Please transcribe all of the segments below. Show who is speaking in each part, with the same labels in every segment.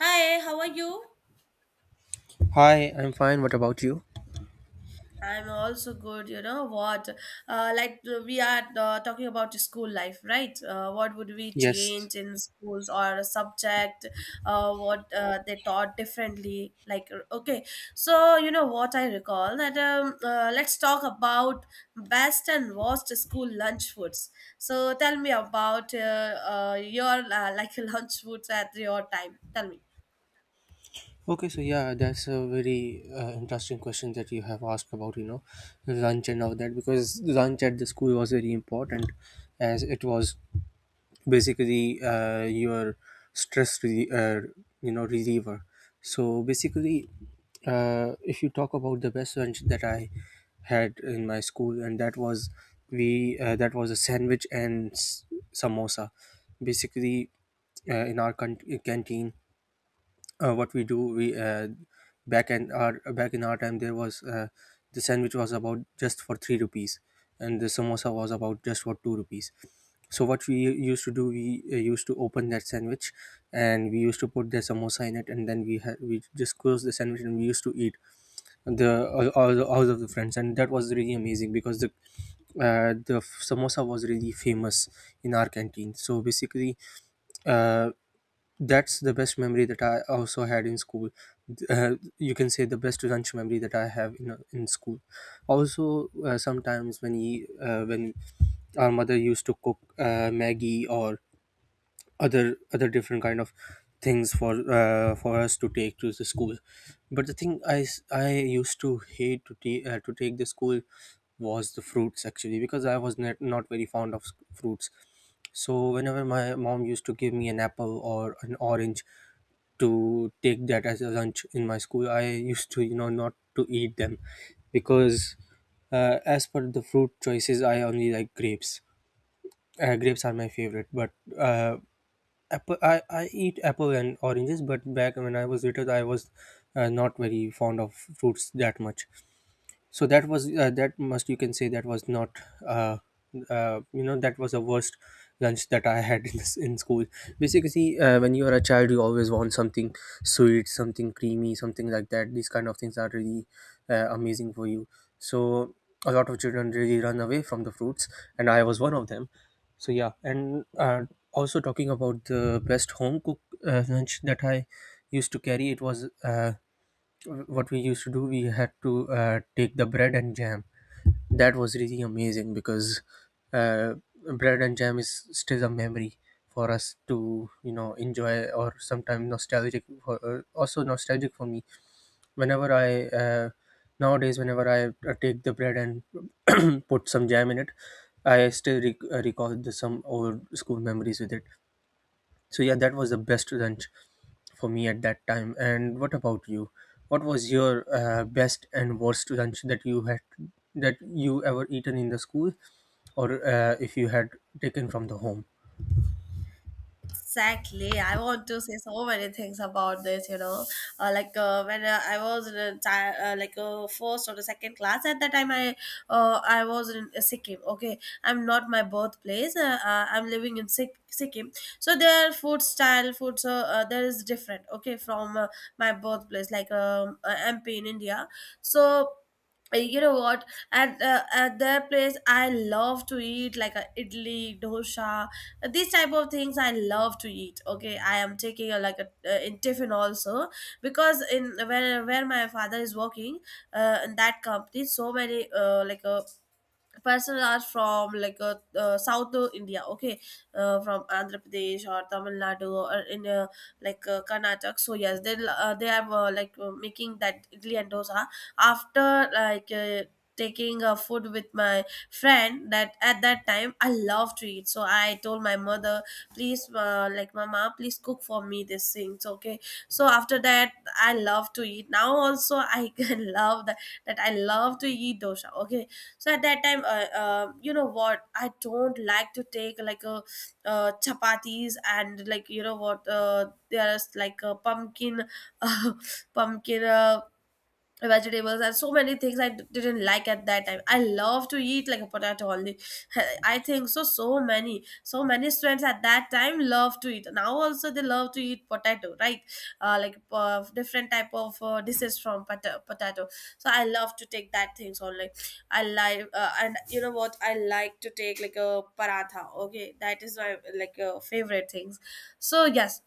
Speaker 1: Hi, how are you?
Speaker 2: Hi, I'm fine. What about you?
Speaker 1: I'm also good, you know what? We are talking about school life, right? What would we
Speaker 2: Yes.
Speaker 1: change in schools or a subject? What they taught differently? Okay, so you know what, I recall that let's talk about best and worst school lunch foods. So tell me about your like lunch foods at your time. Tell me.
Speaker 2: Okay, so yeah, that's a very interesting question that you have asked about, you know, lunch and all that, because lunch at the school was very important as it was basically your stress re- uh, you know reliever. So basically if you talk about the best lunch that I had in my school, and that was we that was a sandwich and samosa. Basically in our canteen, what we do we back in our time, there was the sandwich was about just for 3 rupees and the samosa was about just for 2 rupees. So what we used to do, we used to open that sandwich and we used to put the samosa in it, and then we had, we just closed the sandwich and we used to eat, the all, the- all of the friends, and that was really amazing because the samosa was really famous in our canteen. So basically uh, that's the best memory that I also had in school. You can say the best lunch memory that I have in school. Also, sometimes when our mother used to cook Maggie or other different kind of things for us to take to the school. But the thing I used to hate to take the school was the fruits, actually, because I was not very fond of fruits. So whenever my mom used to give me an apple or an orange, to take that as a lunch in my school, I used to, you know, not to eat them, because, as per the fruit choices, I only like grapes. Grapes are my favorite, but uh, apple, I eat apple and oranges. But back when I was little, I was not very fond of fruits that much. So that was that must you can say that was not uh, you know, that was the worst lunch that I had in school. Basically when you are a child, you always want something sweet, something creamy, something like that. These kind of things are really amazing for you. So a lot of children really run away from the fruits, and I was one of them. So yeah. and Also, talking about the best home cook lunch that I used to carry, it was what we used to do, we had to take the bread and jam. That was really amazing because uh, bread and jam is still a memory for us to, you know, enjoy, or sometimes nostalgic also nostalgic for me, whenever I uh, nowadays whenever I take the bread and put some jam in it, I still recall some old school memories with it. So yeah, that was the best lunch for me at that time. And what about you? What was your best and worst lunch that you had, that you ever eaten in the school, or if you had taken from the home?
Speaker 1: Exactly. I want to say so many things about this. When I was in a first or the second class at that time, I was in Sikkim. Okay, I'm not my birthplace. I'm living in Sikkim. So their food style, food so there is different. Okay, from my birthplace, like MP in India. So, you know what, at their place I love to eat like a idli dosa. These type of things I love to eat. Okay, I am taking a like a in tiffin also, because in where my father is working in that company, so many like a persons are from like south of India. Okay, from Andhra Pradesh or Tamil Nadu or in Karnataka. So yes, they are making that idli and dosa. After like uh, taking a food with my friend, that at that time I love to eat. So I told my mother, please, like, mama, please cook for me these things. Okay, so after that I love to eat. Now also I can love that I love to eat dosha. Okay, so at that time, you know what, I don't like to take like a chapatis. And like, you know what, there's like a pumpkin uh, pumpkin vegetables, and so many things didn't like at that time. I love to eat like a potato only. I think so. So many students at that time love to eat. Now also they love to eat potato, right? Different type of dishes from potato. So I love to take that things only. I like And you know what, I like to take like a paratha. Okay, that is my like favorite things. So yes,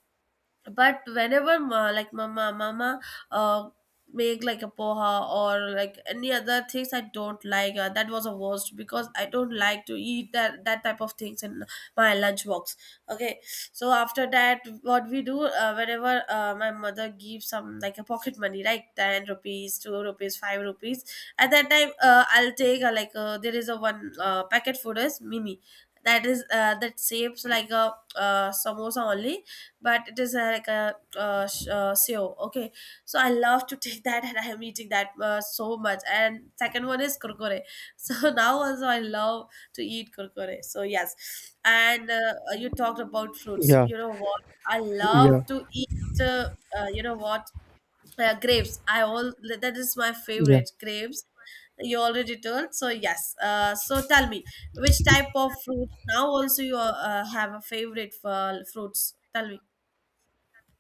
Speaker 1: but whenever ma, like mama uh make like a poha or like any other things, I don't like, that was a worst, because I don't like to eat that type of things in my lunch box. Okay, so after that, what we do, whenever my mother gives some like a pocket money, right? 10 rupees, 2 rupees, 5 rupees. At that time, I'll take, there is a one packet food is mimi. That is that saves like a samosa only, but it is seo. Okay, so I love to take that, and I am eating that so much. And second one is kurkure. So now also I love to eat kurkure. So yes, and you talked about fruits.
Speaker 2: yeah
Speaker 1: You know what, I love
Speaker 2: yeah
Speaker 1: to eat you know what, grapes, I all, that is my
Speaker 2: yeah
Speaker 1: favorite, grapes. You already told. So yes, so tell me, which type of fruits now also you have a favorite for, fruits. Tell me.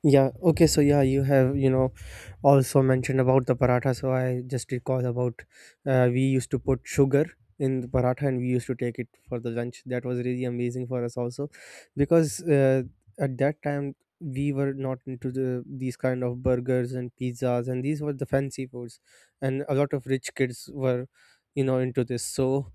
Speaker 2: yeah. Okay, so yeah, you have, you know, also mentioned about the paratha, so I just recall about we used to put sugar in the paratha and we used to take it for the lunch. That was really amazing for us also, because at that time, we were not into the these kind of burgers and pizzas, and these were the fancy foods, and a lot of rich kids were, you know, into this. So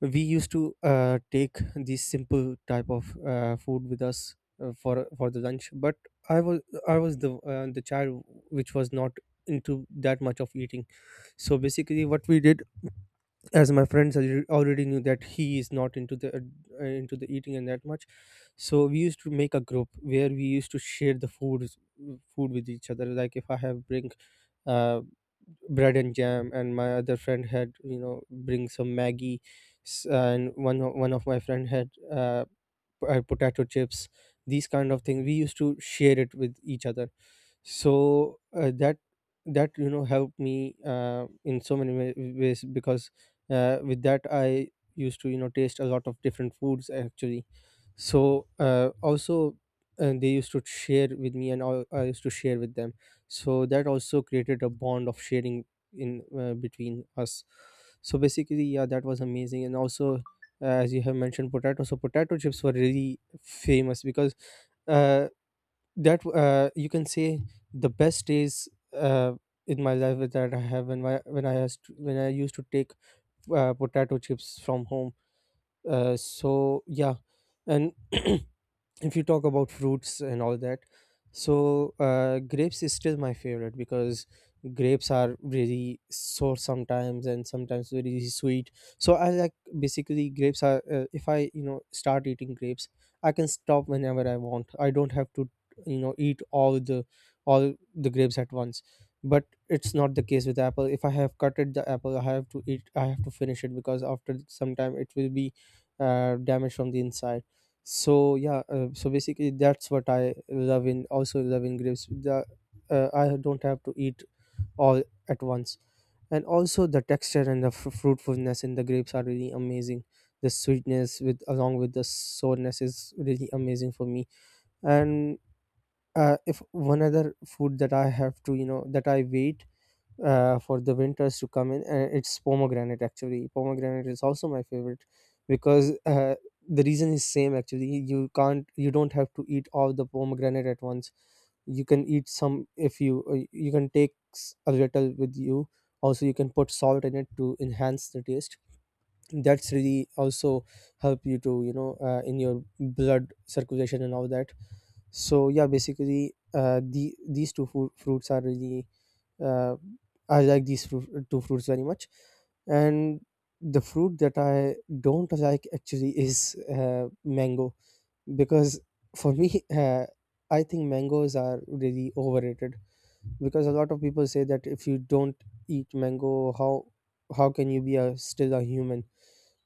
Speaker 2: we used to take this simple type of food with us for the lunch. But i was I was the child which was not into that much of eating. So basically, what we did, as my friends already knew that he is not into the into the eating and that much. So we used to make a group where we used to share the food with each other. Like if I have bring. Uh, Bread and jam, and my other friend had, you know, bring some Maggie, and one of my friend had potato chips. These kind of things we used to share it with each other. So that that, you know, helped me in so many ways, because with that I used to, you know, taste a lot of different foods actually. So also they used to share with me and all, I used to share with them, so that also created a bond of sharing in between us. So basically, yeah, that was amazing. And also as you have mentioned potato, so potato chips were really famous because uh, that you can say the best days in my life is that I have, when I used to, when I used to take potato chips from home. So yeah, and if you talk about fruits and all that, so grapes is still my favorite because grapes are really sour sometimes and sometimes very sweet. So I like, basically grapes are if I, you know, start eating grapes, I can stop whenever I want. I don't have to, you know, eat all the grapes at once. But it's not the case with apple. If I have cutted the apple, I have to eat, I have to finish it, because after some time it will be damaged from the inside. So yeah, so basically that's what I love in, also love in grapes, the I don't have to eat all at once. And also the texture and the fruitfulness in the grapes are really amazing. The sweetness with, along with the sourness is really amazing for me. And if one other food that I have to, you know, that I wait for the winters to come in. It's pomegranate, actually. Pomegranate is also my favorite because the reason is same, actually. You can't, you don't have to eat all the pomegranate at once. You can eat some if you you can take a little with you. Also, you can put salt in it to enhance the taste. That's really also help you to, you know, in your blood circulation and all that. So yeah, basically, the fruits are really uh, I like these two fruits very much. And the fruit that I don't like, actually, is mango, because for me I think mangoes are really overrated, because a lot of people say that if you don't eat mango, how can you be a still a human.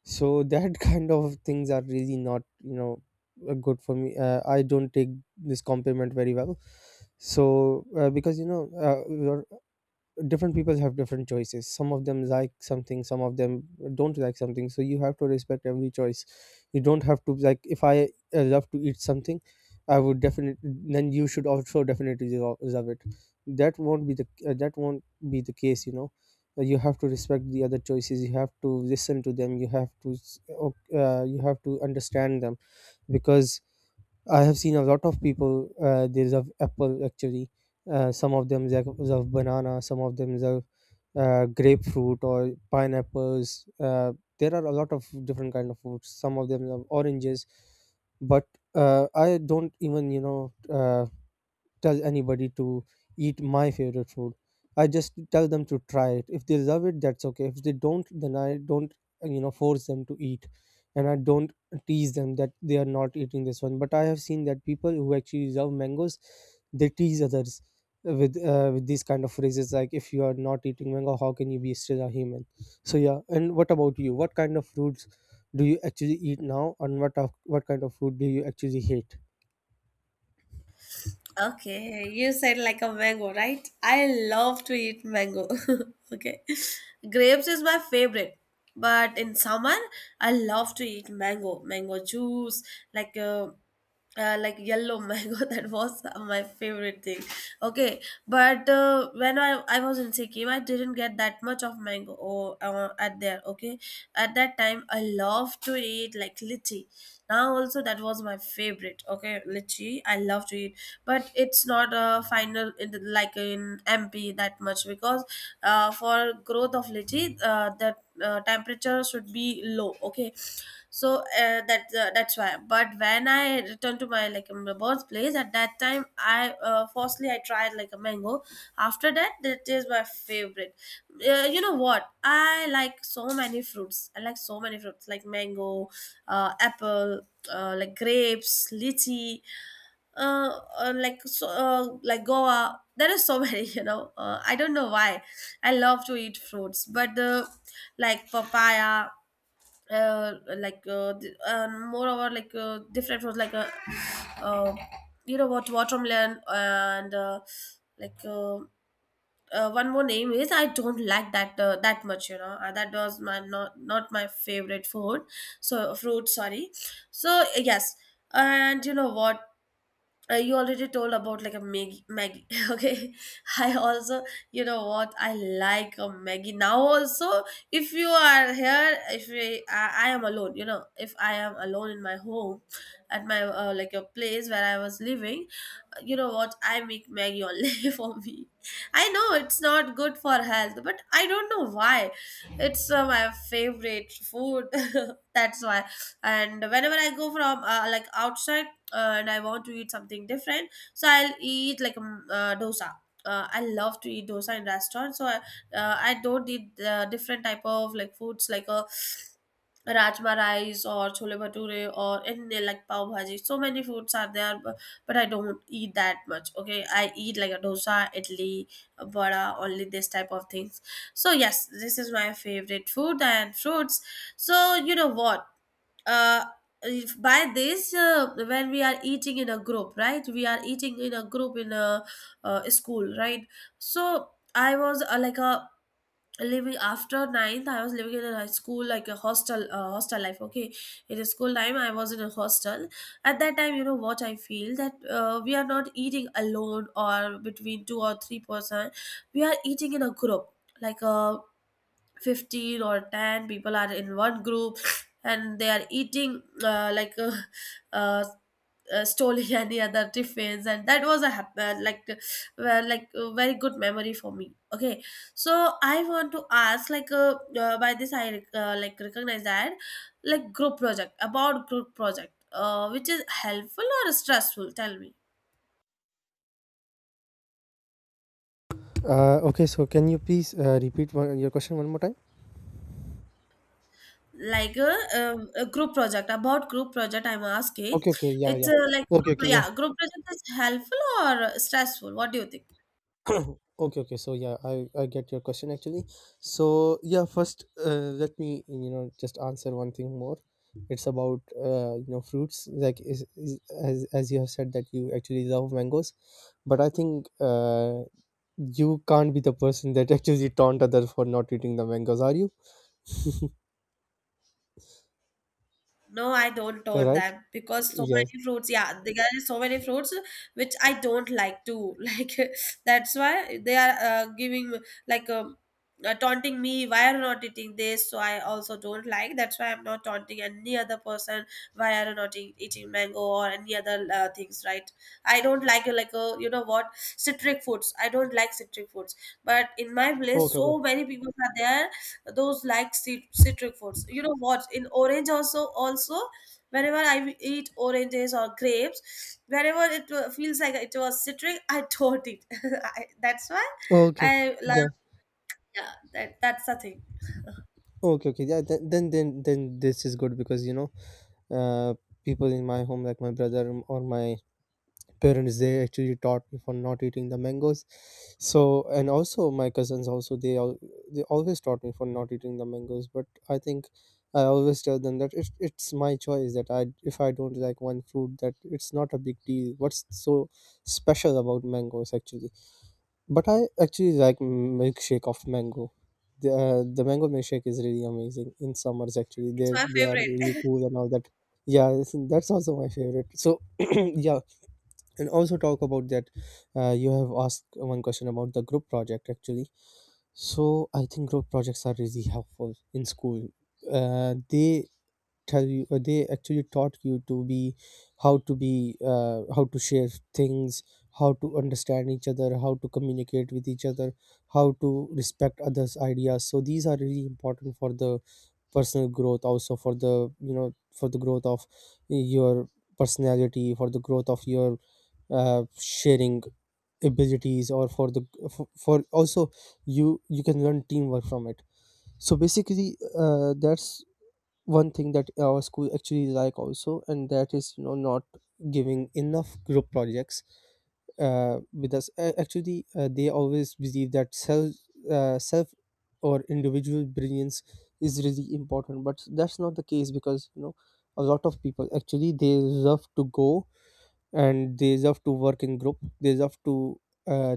Speaker 2: So that kind of things are really not, you know, good for me. I don't take this compliment very well. So because, you know, uh, different people have different choices. Some of them like something, some of them don't like something, so you have to respect every choice. You don't have to, like, if I love to eat something, I would definitely, then you should also definitely love it. That won't be the that won't be the case, you know. You have to respect the other choices. You have to listen to them. You have to you have to understand them, because I have seen a lot of people. They love apple, actually. Some of them they love banana. Some of them love grapefruit or pineapples. There are a lot of different kind of fruits. Some of them love oranges, but I don't even, you know, tell anybody to eat my favorite food. I just tell them to try it. If they love it, that's okay. If they don't, then I don't, you know, force them to eat. And I don't tease them that they are not eating this one. But I have seen that people who actually love mangoes, they tease others with these kind of phrases like, "If you are not eating mango, how can you be still a human?" So yeah. And what about you? What kind of fruits do you actually eat now, and what kind of food do you actually hate?
Speaker 1: Okay, you said like a mango, right? I love to eat mango. Okay. Grapes is my favorite. But in summer, I love to eat mango, mango juice, like uh, like yellow mango. That was my favorite thing. Okay, but when I was in Sikkim, I didn't get that much of mango or at there. Okay, at that time, I love to eat like lychee. Now also, that was my favorite. Okay, litchi. I love to eat, but it's not a final in the, like in MP that much, because for growth of litchi, the temperature should be low. Okay, so, that's why. But when I returned to my like my birthplace at that time, I firstly I tried like a mango. After that, that is my favorite. You know what? I like so many fruits. I like so many fruits like mango, apple, like grapes, lychee, uh, like so, like Goa. There is so many. I don't know why. I love to eat fruits, but like papaya, uh, moreover, like different fruits, like uh, you know what, watermelon and like. One more name is I don't like that that much. That was my not my favorite food. So fruit, sorry. So yes, and you know what? You already told about like a Maggie, Maggie. Okay, I also, you know what, I like a Maggie now. Also, if you are here, if we, I am alone, you know, if I am alone in my home, at my like a place where I was living, you know what, I make Maggie only for me. I know it's not good for health, but I don't know why it's my favorite food. That's why. And whenever I go from like outside, and I want to eat something different, so I'll eat like dosa. I love to eat dosa in restaurants, so I don't eat different type of like foods like a rajma rice or chole bhature or any like pav bhaji. So many foods are there, but I don't eat that much. Okay, I eat like a dosa, idli, a vada, only this type of things. So yes, this is my favorite food and fruits. So you know what? Uh, if by this, when we are eating in a group, right? We are eating in a group in a school, right? So I was like a, living after ninth I was living in a high school, like a hostel life. Okay, in a school time I was in a hostel. At that time, you know what, I feel that we are not eating alone or between two or three person, we are eating in a group, like 15 or 10 people are in one group, and they are eating uh, stolen any other tiffins. And that was a like, well, like a very good memory for me. Okay, so I want to ask, like, by this I like recognize that, like group project, about group project, which is helpful or stressful. Tell me.
Speaker 2: Okay, so can you please repeat your question one more time?
Speaker 1: Like, a group project, about group project I'm asking.
Speaker 2: Okay, okay, yeah,
Speaker 1: It's
Speaker 2: yeah.
Speaker 1: like
Speaker 2: Okay,
Speaker 1: group,
Speaker 2: okay, yeah.
Speaker 1: yeah, group project is helpful or stressful, what do you think?
Speaker 2: Okay, okay. So yeah, I get your question, actually. So yeah, first let me, you know, just answer one thing more. It's about fruits like as you have said that you actually love mangoes, but I think you can't be the person that actually taunt others for not eating the mangoes, are you?
Speaker 1: No, I don't own
Speaker 2: Right?
Speaker 1: them, because so
Speaker 2: Yes.
Speaker 1: many fruits. Yeah, there are so many fruits which I don't like to like. That's why they are giving, like, taunting me. Why are you not eating this? So I also don't like. That's why I'm not taunting any other person. Why are you not eating mango or any other things? Right? I don't like you know what, citric foods. I don't like citric foods. But in my place,
Speaker 2: Okay.
Speaker 1: so
Speaker 2: Okay.
Speaker 1: many people are there those like citric foods. You know what, in orange also whenever I eat oranges or grapes, whenever it feels like it was citric, I don't eat I, that's why
Speaker 2: Okay. Okay.
Speaker 1: I love.
Speaker 2: Yeah.
Speaker 1: Yeah, that's the thing.
Speaker 2: Okay, okay, yeah. Then, this is good because uh, people in my home, like my brother or my parents, they actually taught me for not eating the mangoes. So, and also my cousins, also they always taught me for not eating the mangoes. But I think I always tell them that it's my choice, that I if I don't like one fruit, that it's not a big deal. What's so special about mangoes actually? But I actually like milkshake of mango. The mango milkshake is really amazing in summers. Actually,
Speaker 1: It's
Speaker 2: there's
Speaker 1: my
Speaker 2: they are
Speaker 1: favorite.
Speaker 2: really cool and all that. Yeah, that's also my favorite. So yeah, and also talk about that. You have asked one question about the group project actually. So I think group projects are really helpful in school. Uh, they they actually taught you to be, how to share things, how to understand each other, how to communicate with each other, how to respect others ideas. So these are really important for the personal growth, also for the for the growth of your personality, for the growth of your sharing abilities, or for the for also you can learn teamwork from it. So basically that's one thing that our school actually is like, also, and that is not giving enough group projects with us. Actually they always believe that self or individual brilliance is really important, but that's not the case, because a lot of people actually, they love to go and they love to work in group, they love to uh,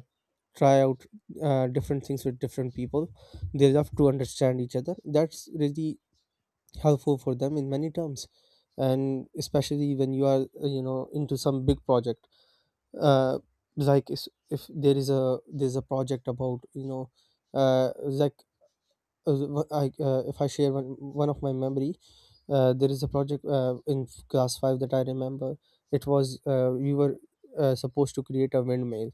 Speaker 2: try out different things with different people, they love to understand each other, that's really helpful for them in many terms. And especially when you are into some big project, uh, like if there is a there's a project about like if one of my memory. There is a project in class 5 that I remember. It was we were supposed to create a windmill.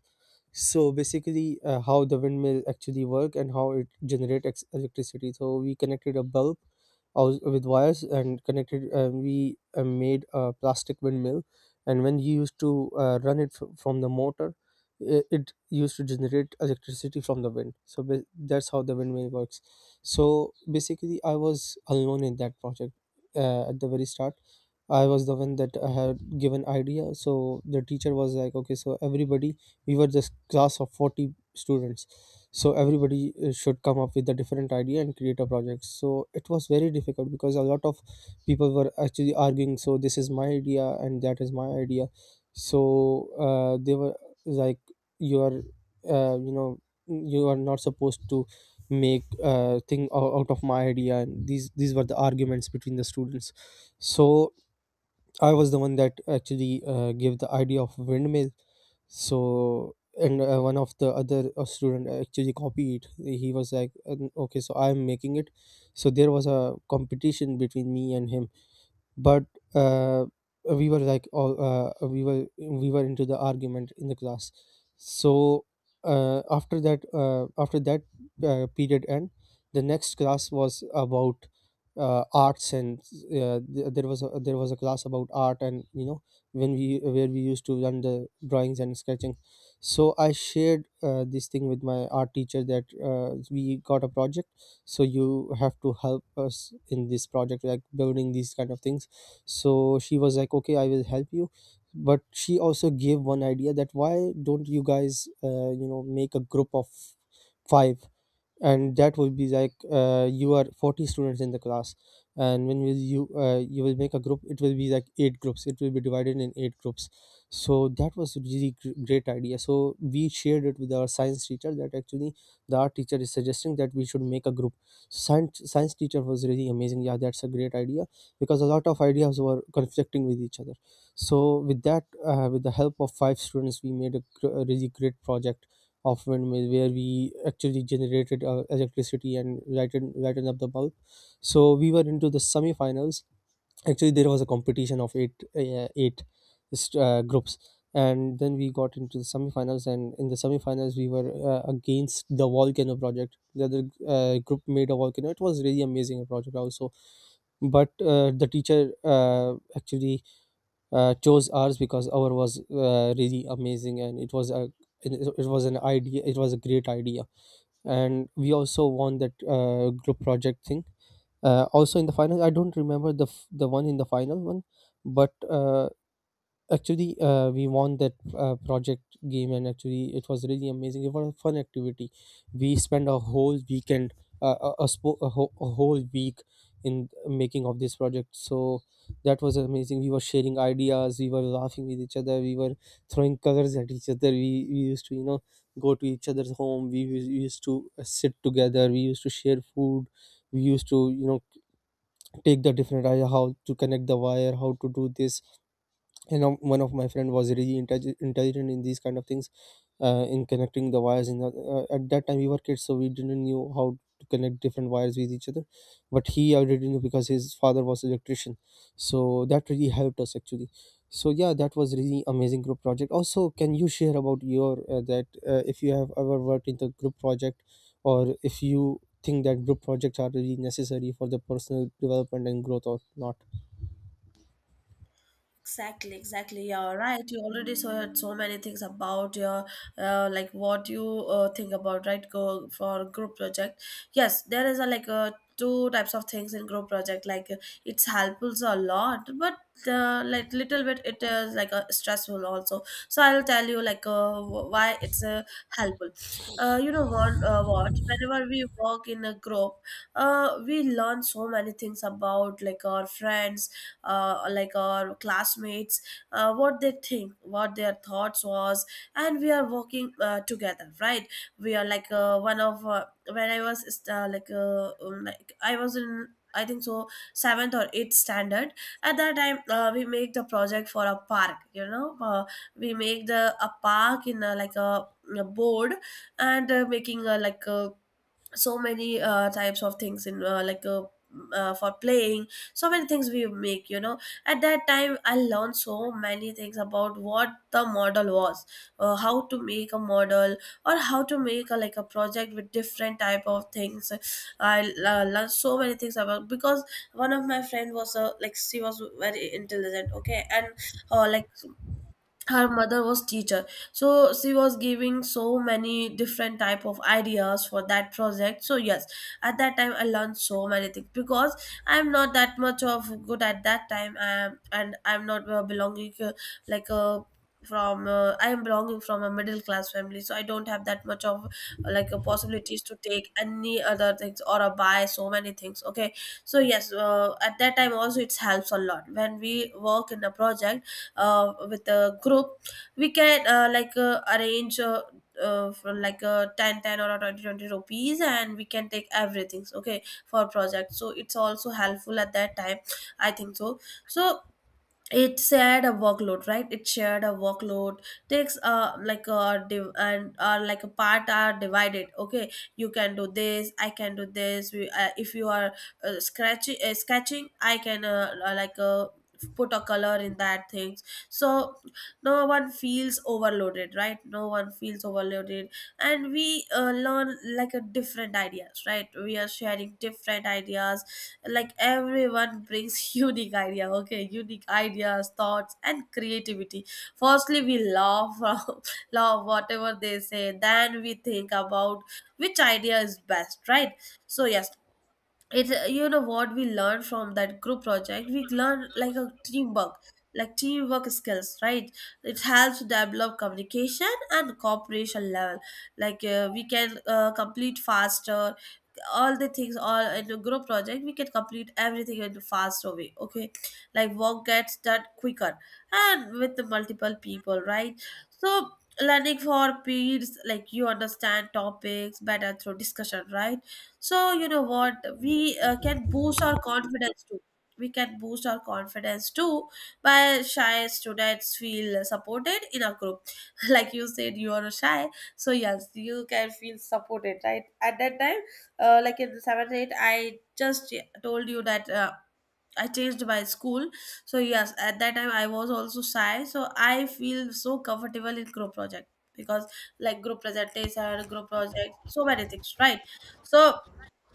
Speaker 2: So basically how the windmill actually work, and how it generate electricity, so we connected a bulb with wires, and connected we made a plastic windmill. And when you used to run it from the motor, it used to generate electricity from the wind. So that's how the windmill works. So basically I was alone in that project at the very start. I was the one that I had given idea. So the teacher was like, okay, so everybody, we were this class of 40 students, so everybody should come up with a different idea and create a project. So it was very difficult because a lot of people were actually arguing, so, this is my idea and that is my idea. So they were like, you are uh, you know you are not supposed to make thing out of my idea, and these were the arguments between the students. So I was the one that actually gave the idea of windmill. So, and one of the other student actually copied, he was like, Okay, so I'm making it." So there was a competition between me and him. But uh, we were into the argument in the class. So after that period end, the next class was about arts. And there was a class about art, and you know when we used to learn the drawings and sketching. So I shared this thing with my art teacher, that we got a project, so you have to help us in this project, like building these kind of things. So she was like, okay, I will help you. But she also gave one idea, that why don't you guys make a group of five, and that will be like you are 40 students in the class, and when will you you will make a group, it will be like eight groups, it will be divided in eight groups. So that was a really great idea, so we shared it with our science teacher, that actually the art teacher is suggesting that we should make a group. Science science teacher was really amazing, yeah, that's a great idea, because a lot of ideas were conflicting with each other. So with that with the help of five students, we made a really great project of windmill, where we actually generated electricity and lighten up the bulb. So we were into the semifinals. Actually, there was a competition of eight groups, and then we got into the semifinals. And in the semifinals we were against the volcano project. The other group made a volcano, it was really amazing project also, but the teacher actually chose ours, because our was really amazing, and it was a it it was an idea, it was a great idea. And we also won that group project thing also. In the final, I don't remember the the one in the final one, but actually we won that project game. And actually it was really amazing, it was a fun activity. We spent a whole weekend, a whole week in making of this project. So that was amazing, we were sharing ideas, we were laughing with each other, we were throwing colors at each other, we used to go to each other's home, we used to sit together, we used to share food, we used to take the different idea, how to connect the wire, how to do this. And one of my friend was really intelligent in these kind of things, in connecting the wires, in the, at that time we were kids, so we didn't knew how to connect different wires with each other. But he already knew because his father was electrician, so that really helped us actually. So yeah, that was really amazing group project. Also, can you share about your that if you have ever worked in the group project, or if you think that group projects are really necessary for the personal development and growth or not?
Speaker 1: Exactly, exactly. Yeah, right. You already so heard so many things about your, like what you think about, right? Go for group project. Yes, there is a like two types of things in group project. It's helpful a lot, but like little bit it is like stressful also. So I'll tell you, like, why it's helpful. You know what? What? Whenever we work in a group, we learn so many things about like our friends, like our classmates, what they think, what their thoughts was. And we are working together, right? We are like one of when I was like I was in, I think so, seventh or eighth standard. At that time, we make the project for a park. You know, we make the a park in a, like a board and making a like a so many types of things in for playing so many things we make, you know. At that time I learned so many things about what the model was, how to make a model, or how to make a like a project with different type of things. I learned so many things about because one of my friend was a, like, she was very intelligent, okay, and like her mother was teacher, so she was giving so many different type of ideas for that project. So yes, at that time I learned so many things because I'm not that much of good at that time I am, and I'm not belonging like a, from I am belonging from a middle class family, so I don't have that much of like a possibilities to take any other things or buy so many things, okay. So yes, at that time also it helps a lot when we work in a project with a group. We can arrange for like a 10 10 or a 20 20 rupees and we can take everything, okay, for project, so it's also helpful at that time, I think so. So it shared a workload, right? It shared a workload, takes like a div- and like a part are divided, okay. You can do this, I can do this. We, if you are scratching, sketching, I can like put a color in that things, so no one feels overloaded, right? No one feels overloaded. And we learn like a different ideas, right? We are sharing different ideas, like everyone brings unique idea, okay, unique ideas, thoughts and creativity. Firstly we laugh, laugh whatever they say, then we think about which idea is best, right? So yes, it's you know what, we learn from that group project, we learn like a teamwork, like teamwork skills, right? It helps to develop communication and cooperation level. Like we can complete faster all the things, all in a group project we can complete everything in a faster way, okay, like work gets done quicker, and with the multiple people, right? So learning for peers, like you understand topics better through discussion, right? So you know what, we can boost our confidence too. We can boost our confidence too, by shy students feel supported in a group. Like you said, you are shy, so yes, you can feel supported, right? At that time, like in the seventh eight, I just told you that. I changed my school. So yes, at that time I was also shy, so I feel so comfortable in group project because, like, group presentation, group project, so many things, right? So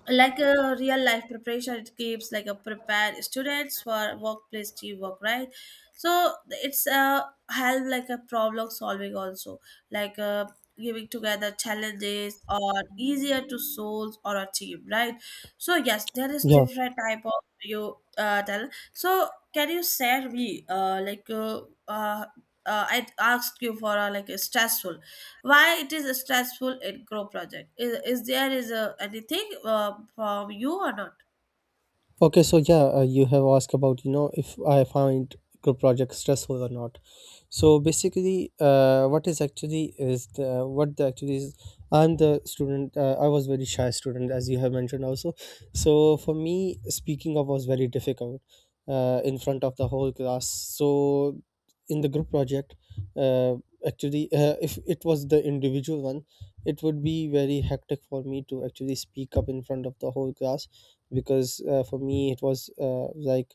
Speaker 1: like a real life preparation, it keeps like a prepare students for workplace teamwork, right? So it's a help like a problem solving also, like giving together challenges or easier to solve or achieve, right? So yes, there is
Speaker 2: Yeah.
Speaker 1: different type of you tell, so can you share me uh, I asked you for like a stressful, why it is stressful in grow project? Is there is a, anything from you or not?
Speaker 2: Okay, so yeah, you have asked about, if I find group projects stressful or not. So basically what the actually is, I'm the student. I was very shy student, as you have mentioned also. So for me, speaking up was very difficult in front of the whole class. So in the group project uh, actually, if it was the individual one, it would be very hectic for me to actually speak up in front of the whole class. Because for me it was like,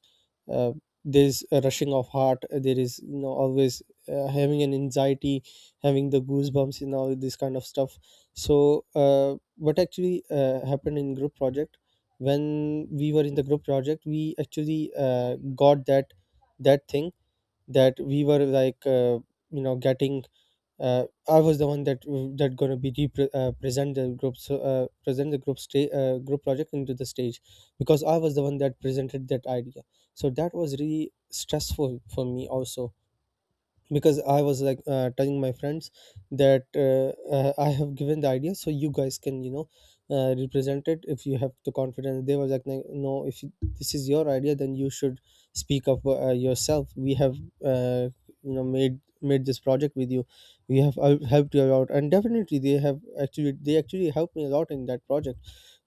Speaker 2: uh, there's a rushing of heart, there is always having an anxiety, having the goosebumps, and all this kind of stuff. So what actually happened in group project, when we were in the group project, we actually got that thing, that we were like getting, I was the one that gonna be present the group, so present the group group project into the stage, because I was the one that presented that idea. So that was really stressful for me also, because I was like telling my friends that I have given the idea, so you guys can, represent it if you have the confidence. They were like, "No, no, if you- this is your idea, then you should speak up yourself, we have uh, made this project with you, we have helped you out." And definitely they have actually helped me a lot in that project.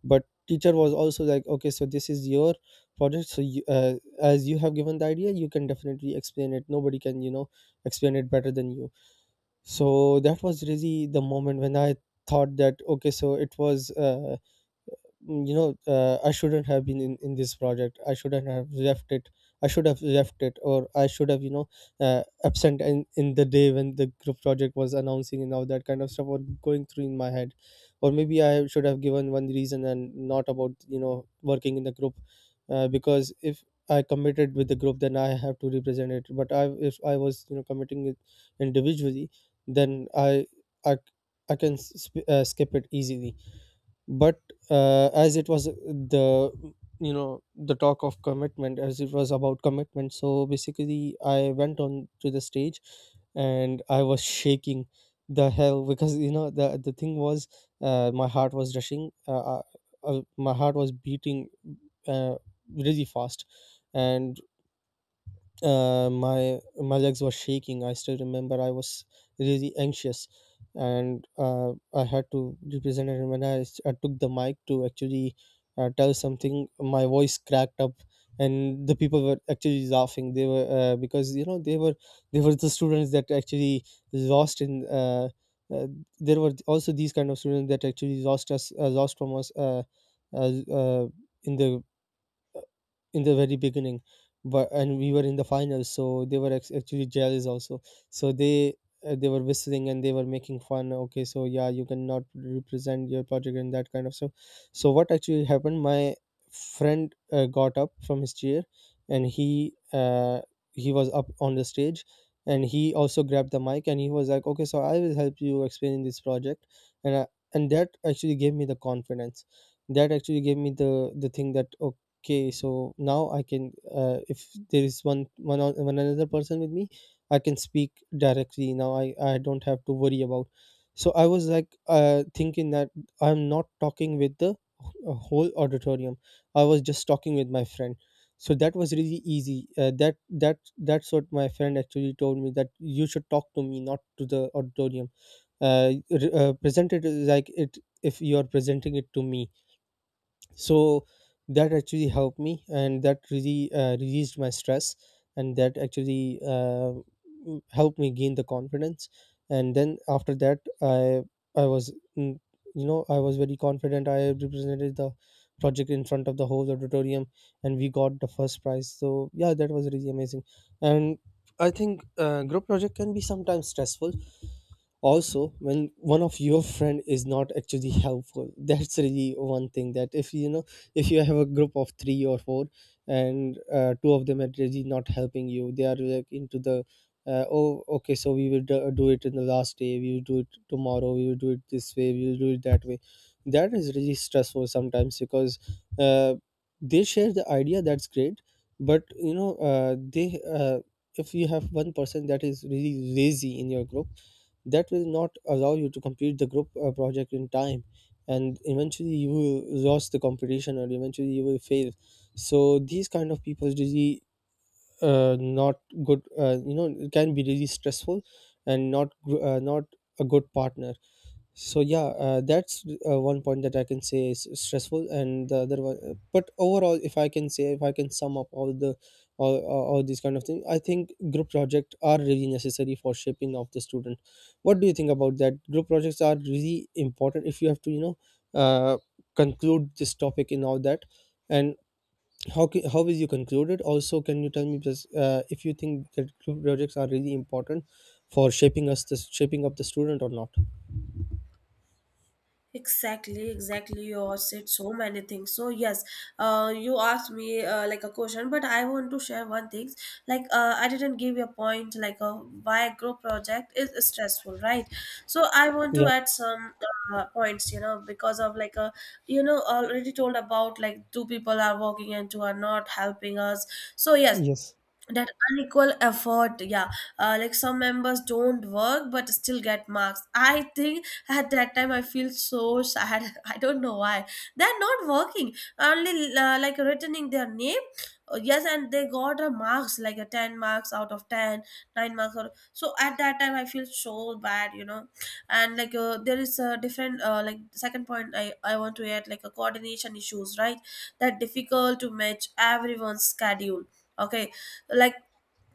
Speaker 2: But teacher was also like, okay, so this is your project, so you, as you have given the idea, you can definitely explain it, nobody can explain it better than you. So that was really the moment when I thought that, okay, so it was I shouldn't have been in this project, I shouldn't have left it, I should have left it, or I should have Absent in the day when the group project was announcing and all that kind of stuff were going through in my head, or maybe I should have given one reason and not about working in the group. Because if I committed with the group, then I have to represent it, but I if I was committing it individually, then i, I can skip it easily. But as it was the, the talk of commitment, as it was about commitment, so basically I went on to the stage and I was shaking the hell, because the thing was, my heart was rushing, my heart was beating uh, really fast. And my legs were shaking. I still remember i was really anxious, and I had to represent it. When I took the mic to actually tell something, my voice cracked up, and the people were actually laughing. They were because they were, they were the students that actually lost in. uh, there were also these kind of students that actually lost from us uh, uh, in the, in the very beginning. But and we were in the finals, so they were actually jealous also. So they, they were whistling and they were making fun. Okay, so yeah, you cannot represent your project and that kind of stuff. So what actually happened, my friend got up from his chair, and he was up on the stage, and he also grabbed the mic, and he was like, okay, so I will help you explain this project. and I, and that actually gave me the confidence. That actually gave me the thing that, okay, so now I can, if there is one another person with me, I can speak directly. Now i don't have to worry about. So I was like thinking that I'm not talking with the whole auditorium, I was just talking with my friend. So that was really easy. That that's what my friend actually told me, that you should talk to me, not to the auditorium. uh, Present it, like it, if you are presenting it to me. So that actually helped me, and that really released my stress, and that actually helped me gain the confidence. And then after that, i was I was very confident. I represented the project in front of the whole auditorium, and we got the first prize, so yeah, that was really amazing. And I think group project can be sometimes stressful also when one of your friend is not actually helpful. That's really one thing, that if you know, if you have a group of three or four, and two of them are really not helping you, they are like into the, oh okay, so we will do it in the last day, we will do it tomorrow, we will do it this way, we will do it that way. That is really stressful sometimes, because uh, they share the idea, that's great, but you know they if you have one person that is really lazy in your group, that will not allow you to complete the group project in time, and eventually you will lose the competition, or eventually you will fail. So these kind of people really, not good, you know, it can be really stressful, and not a good partner. So yeah, that's one point that I can say is stressful, and the other one, but overall, if I can say, if I can sum up all the, all these kind of things, I think group projects are really necessary for shaping of the student. What do you think about that? Group projects are really important, if you have to, uh, conclude this topic and all that, and how will you conclude it also? Can you tell me just, if you think that group projects are really important for shaping up the student or not?
Speaker 1: Exactly, exactly. You said so many things. So yes, you asked me like a question, but I want to share one thing. Like I didn't give you a point like why group project is stressful, right? So I want to
Speaker 2: Yeah.
Speaker 1: add some points, you know, because of like a, you know, already told about like two people are working and two are not helping us. So yes,
Speaker 2: Yes.
Speaker 1: that unequal effort, yeah, like some members don't work but still get marks. I think at that time I feel so sad, I don't know why. They're not working only, like returning their name. Yes, and they got a marks like a 10 marks out of 10, 9 marks or, so at that time I feel so bad, you know. And like there is a different like second point I want to add, like a coordination issues, right? That difficult to match everyone's schedule, okay. Like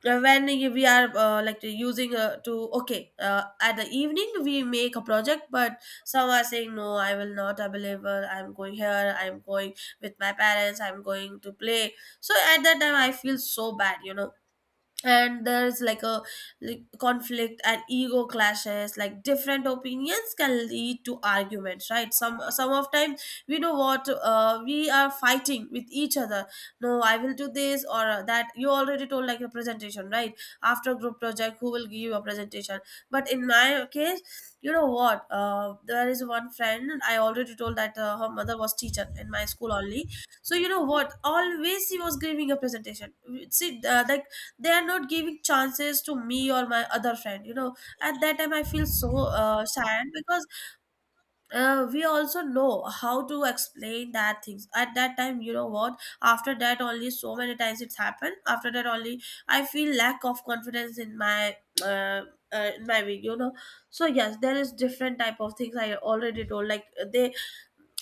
Speaker 1: when we are like using to okay, at the evening we make a project, but some are saying no, I will not available, I'm going here, I'm going with my parents, I'm going to play. So at that time I feel so bad, you know. And there's like a, like conflict and ego clashes, like different opinions can lead to arguments, right? Some of time we know what, we are fighting with each other. No, I will do this or that. You already told like a presentation, right? After group project, who will give you a presentation? But in my case, you know what, there is one friend and I already told that her mother was teacher in my school only. So you know what, always she was giving a presentation. See, like they are not giving chances to me or my other friend, you know. At that time I feel so sad because we also know how to explain that things. At that time, you know what, after that only so many times it's happened, after that only I feel lack of confidence uh, in my video, you know. So yes, there is different type of things I already told, like they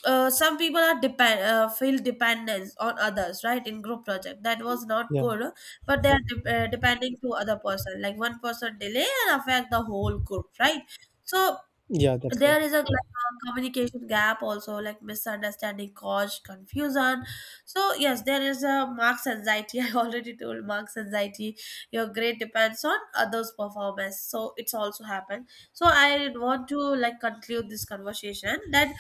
Speaker 1: some people are depend feel dependence on others, right, in group project. That was not
Speaker 2: Yeah,
Speaker 1: good, but they are depending to other person, like one person delay and affect the whole group, right? So
Speaker 2: yeah, that's right.
Speaker 1: there is a like a communication gap also, like misunderstanding cause confusion. So yes, there is a marks anxiety. I already told marks anxiety, your grade depends on others performance, so it's also happened. So I want to like conclude this conversation, that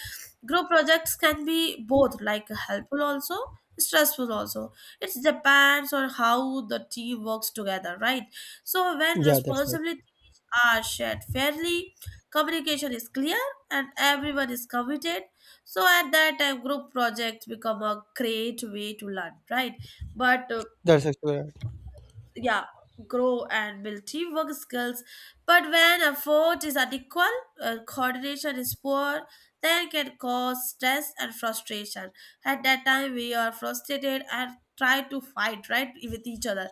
Speaker 1: group projects can be both like helpful also, stressful also. It depends on how the team works together, right? So when
Speaker 2: Yeah, that's right.
Speaker 1: responsibilities are shared fairly, communication is clear, and everyone is committed, so at that time group projects become a great way to learn, right? But
Speaker 2: That's actually right.
Speaker 1: yeah, grow and build teamwork skills. But when effort is unequal, coordination is poor, then can cause stress and frustration. At that time we are frustrated and try to fight, right, with each other.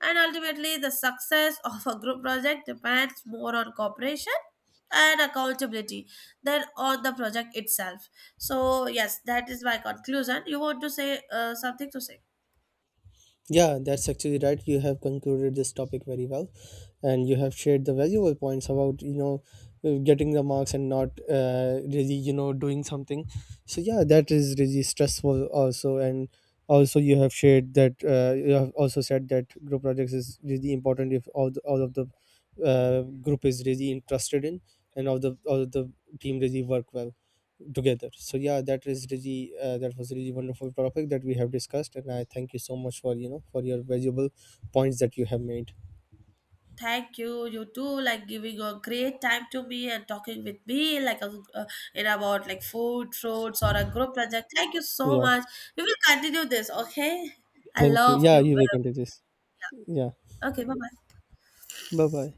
Speaker 1: And ultimately the success of a group project depends more on cooperation and accountability than on the project itself. So yes, that is my conclusion. You want to say something to say?
Speaker 2: Yeah, that's actually right. You have concluded this topic very well, and you have shared the valuable points about, getting the marks and not really, doing something. So yeah, that is really stressful also. And also you have shared that you have also said that group projects is really important if all of the group is really interested in, and all of the team really work well together. So yeah, that is really that was really wonderful topic that we have discussed, and I thank you so much for for your valuable points that you have made.
Speaker 1: Thank you. You too, like giving a great time to me and talking with me, like a, uh, in about like food, fruits, or a group project. Thank you so
Speaker 2: Yeah.
Speaker 1: much. We will continue this. Okay, I
Speaker 2: Thank you.
Speaker 1: love
Speaker 2: Yeah,
Speaker 1: you.
Speaker 2: you will
Speaker 1: Well,
Speaker 2: continue this. Yeah.
Speaker 1: okay, bye bye.
Speaker 2: Bye bye.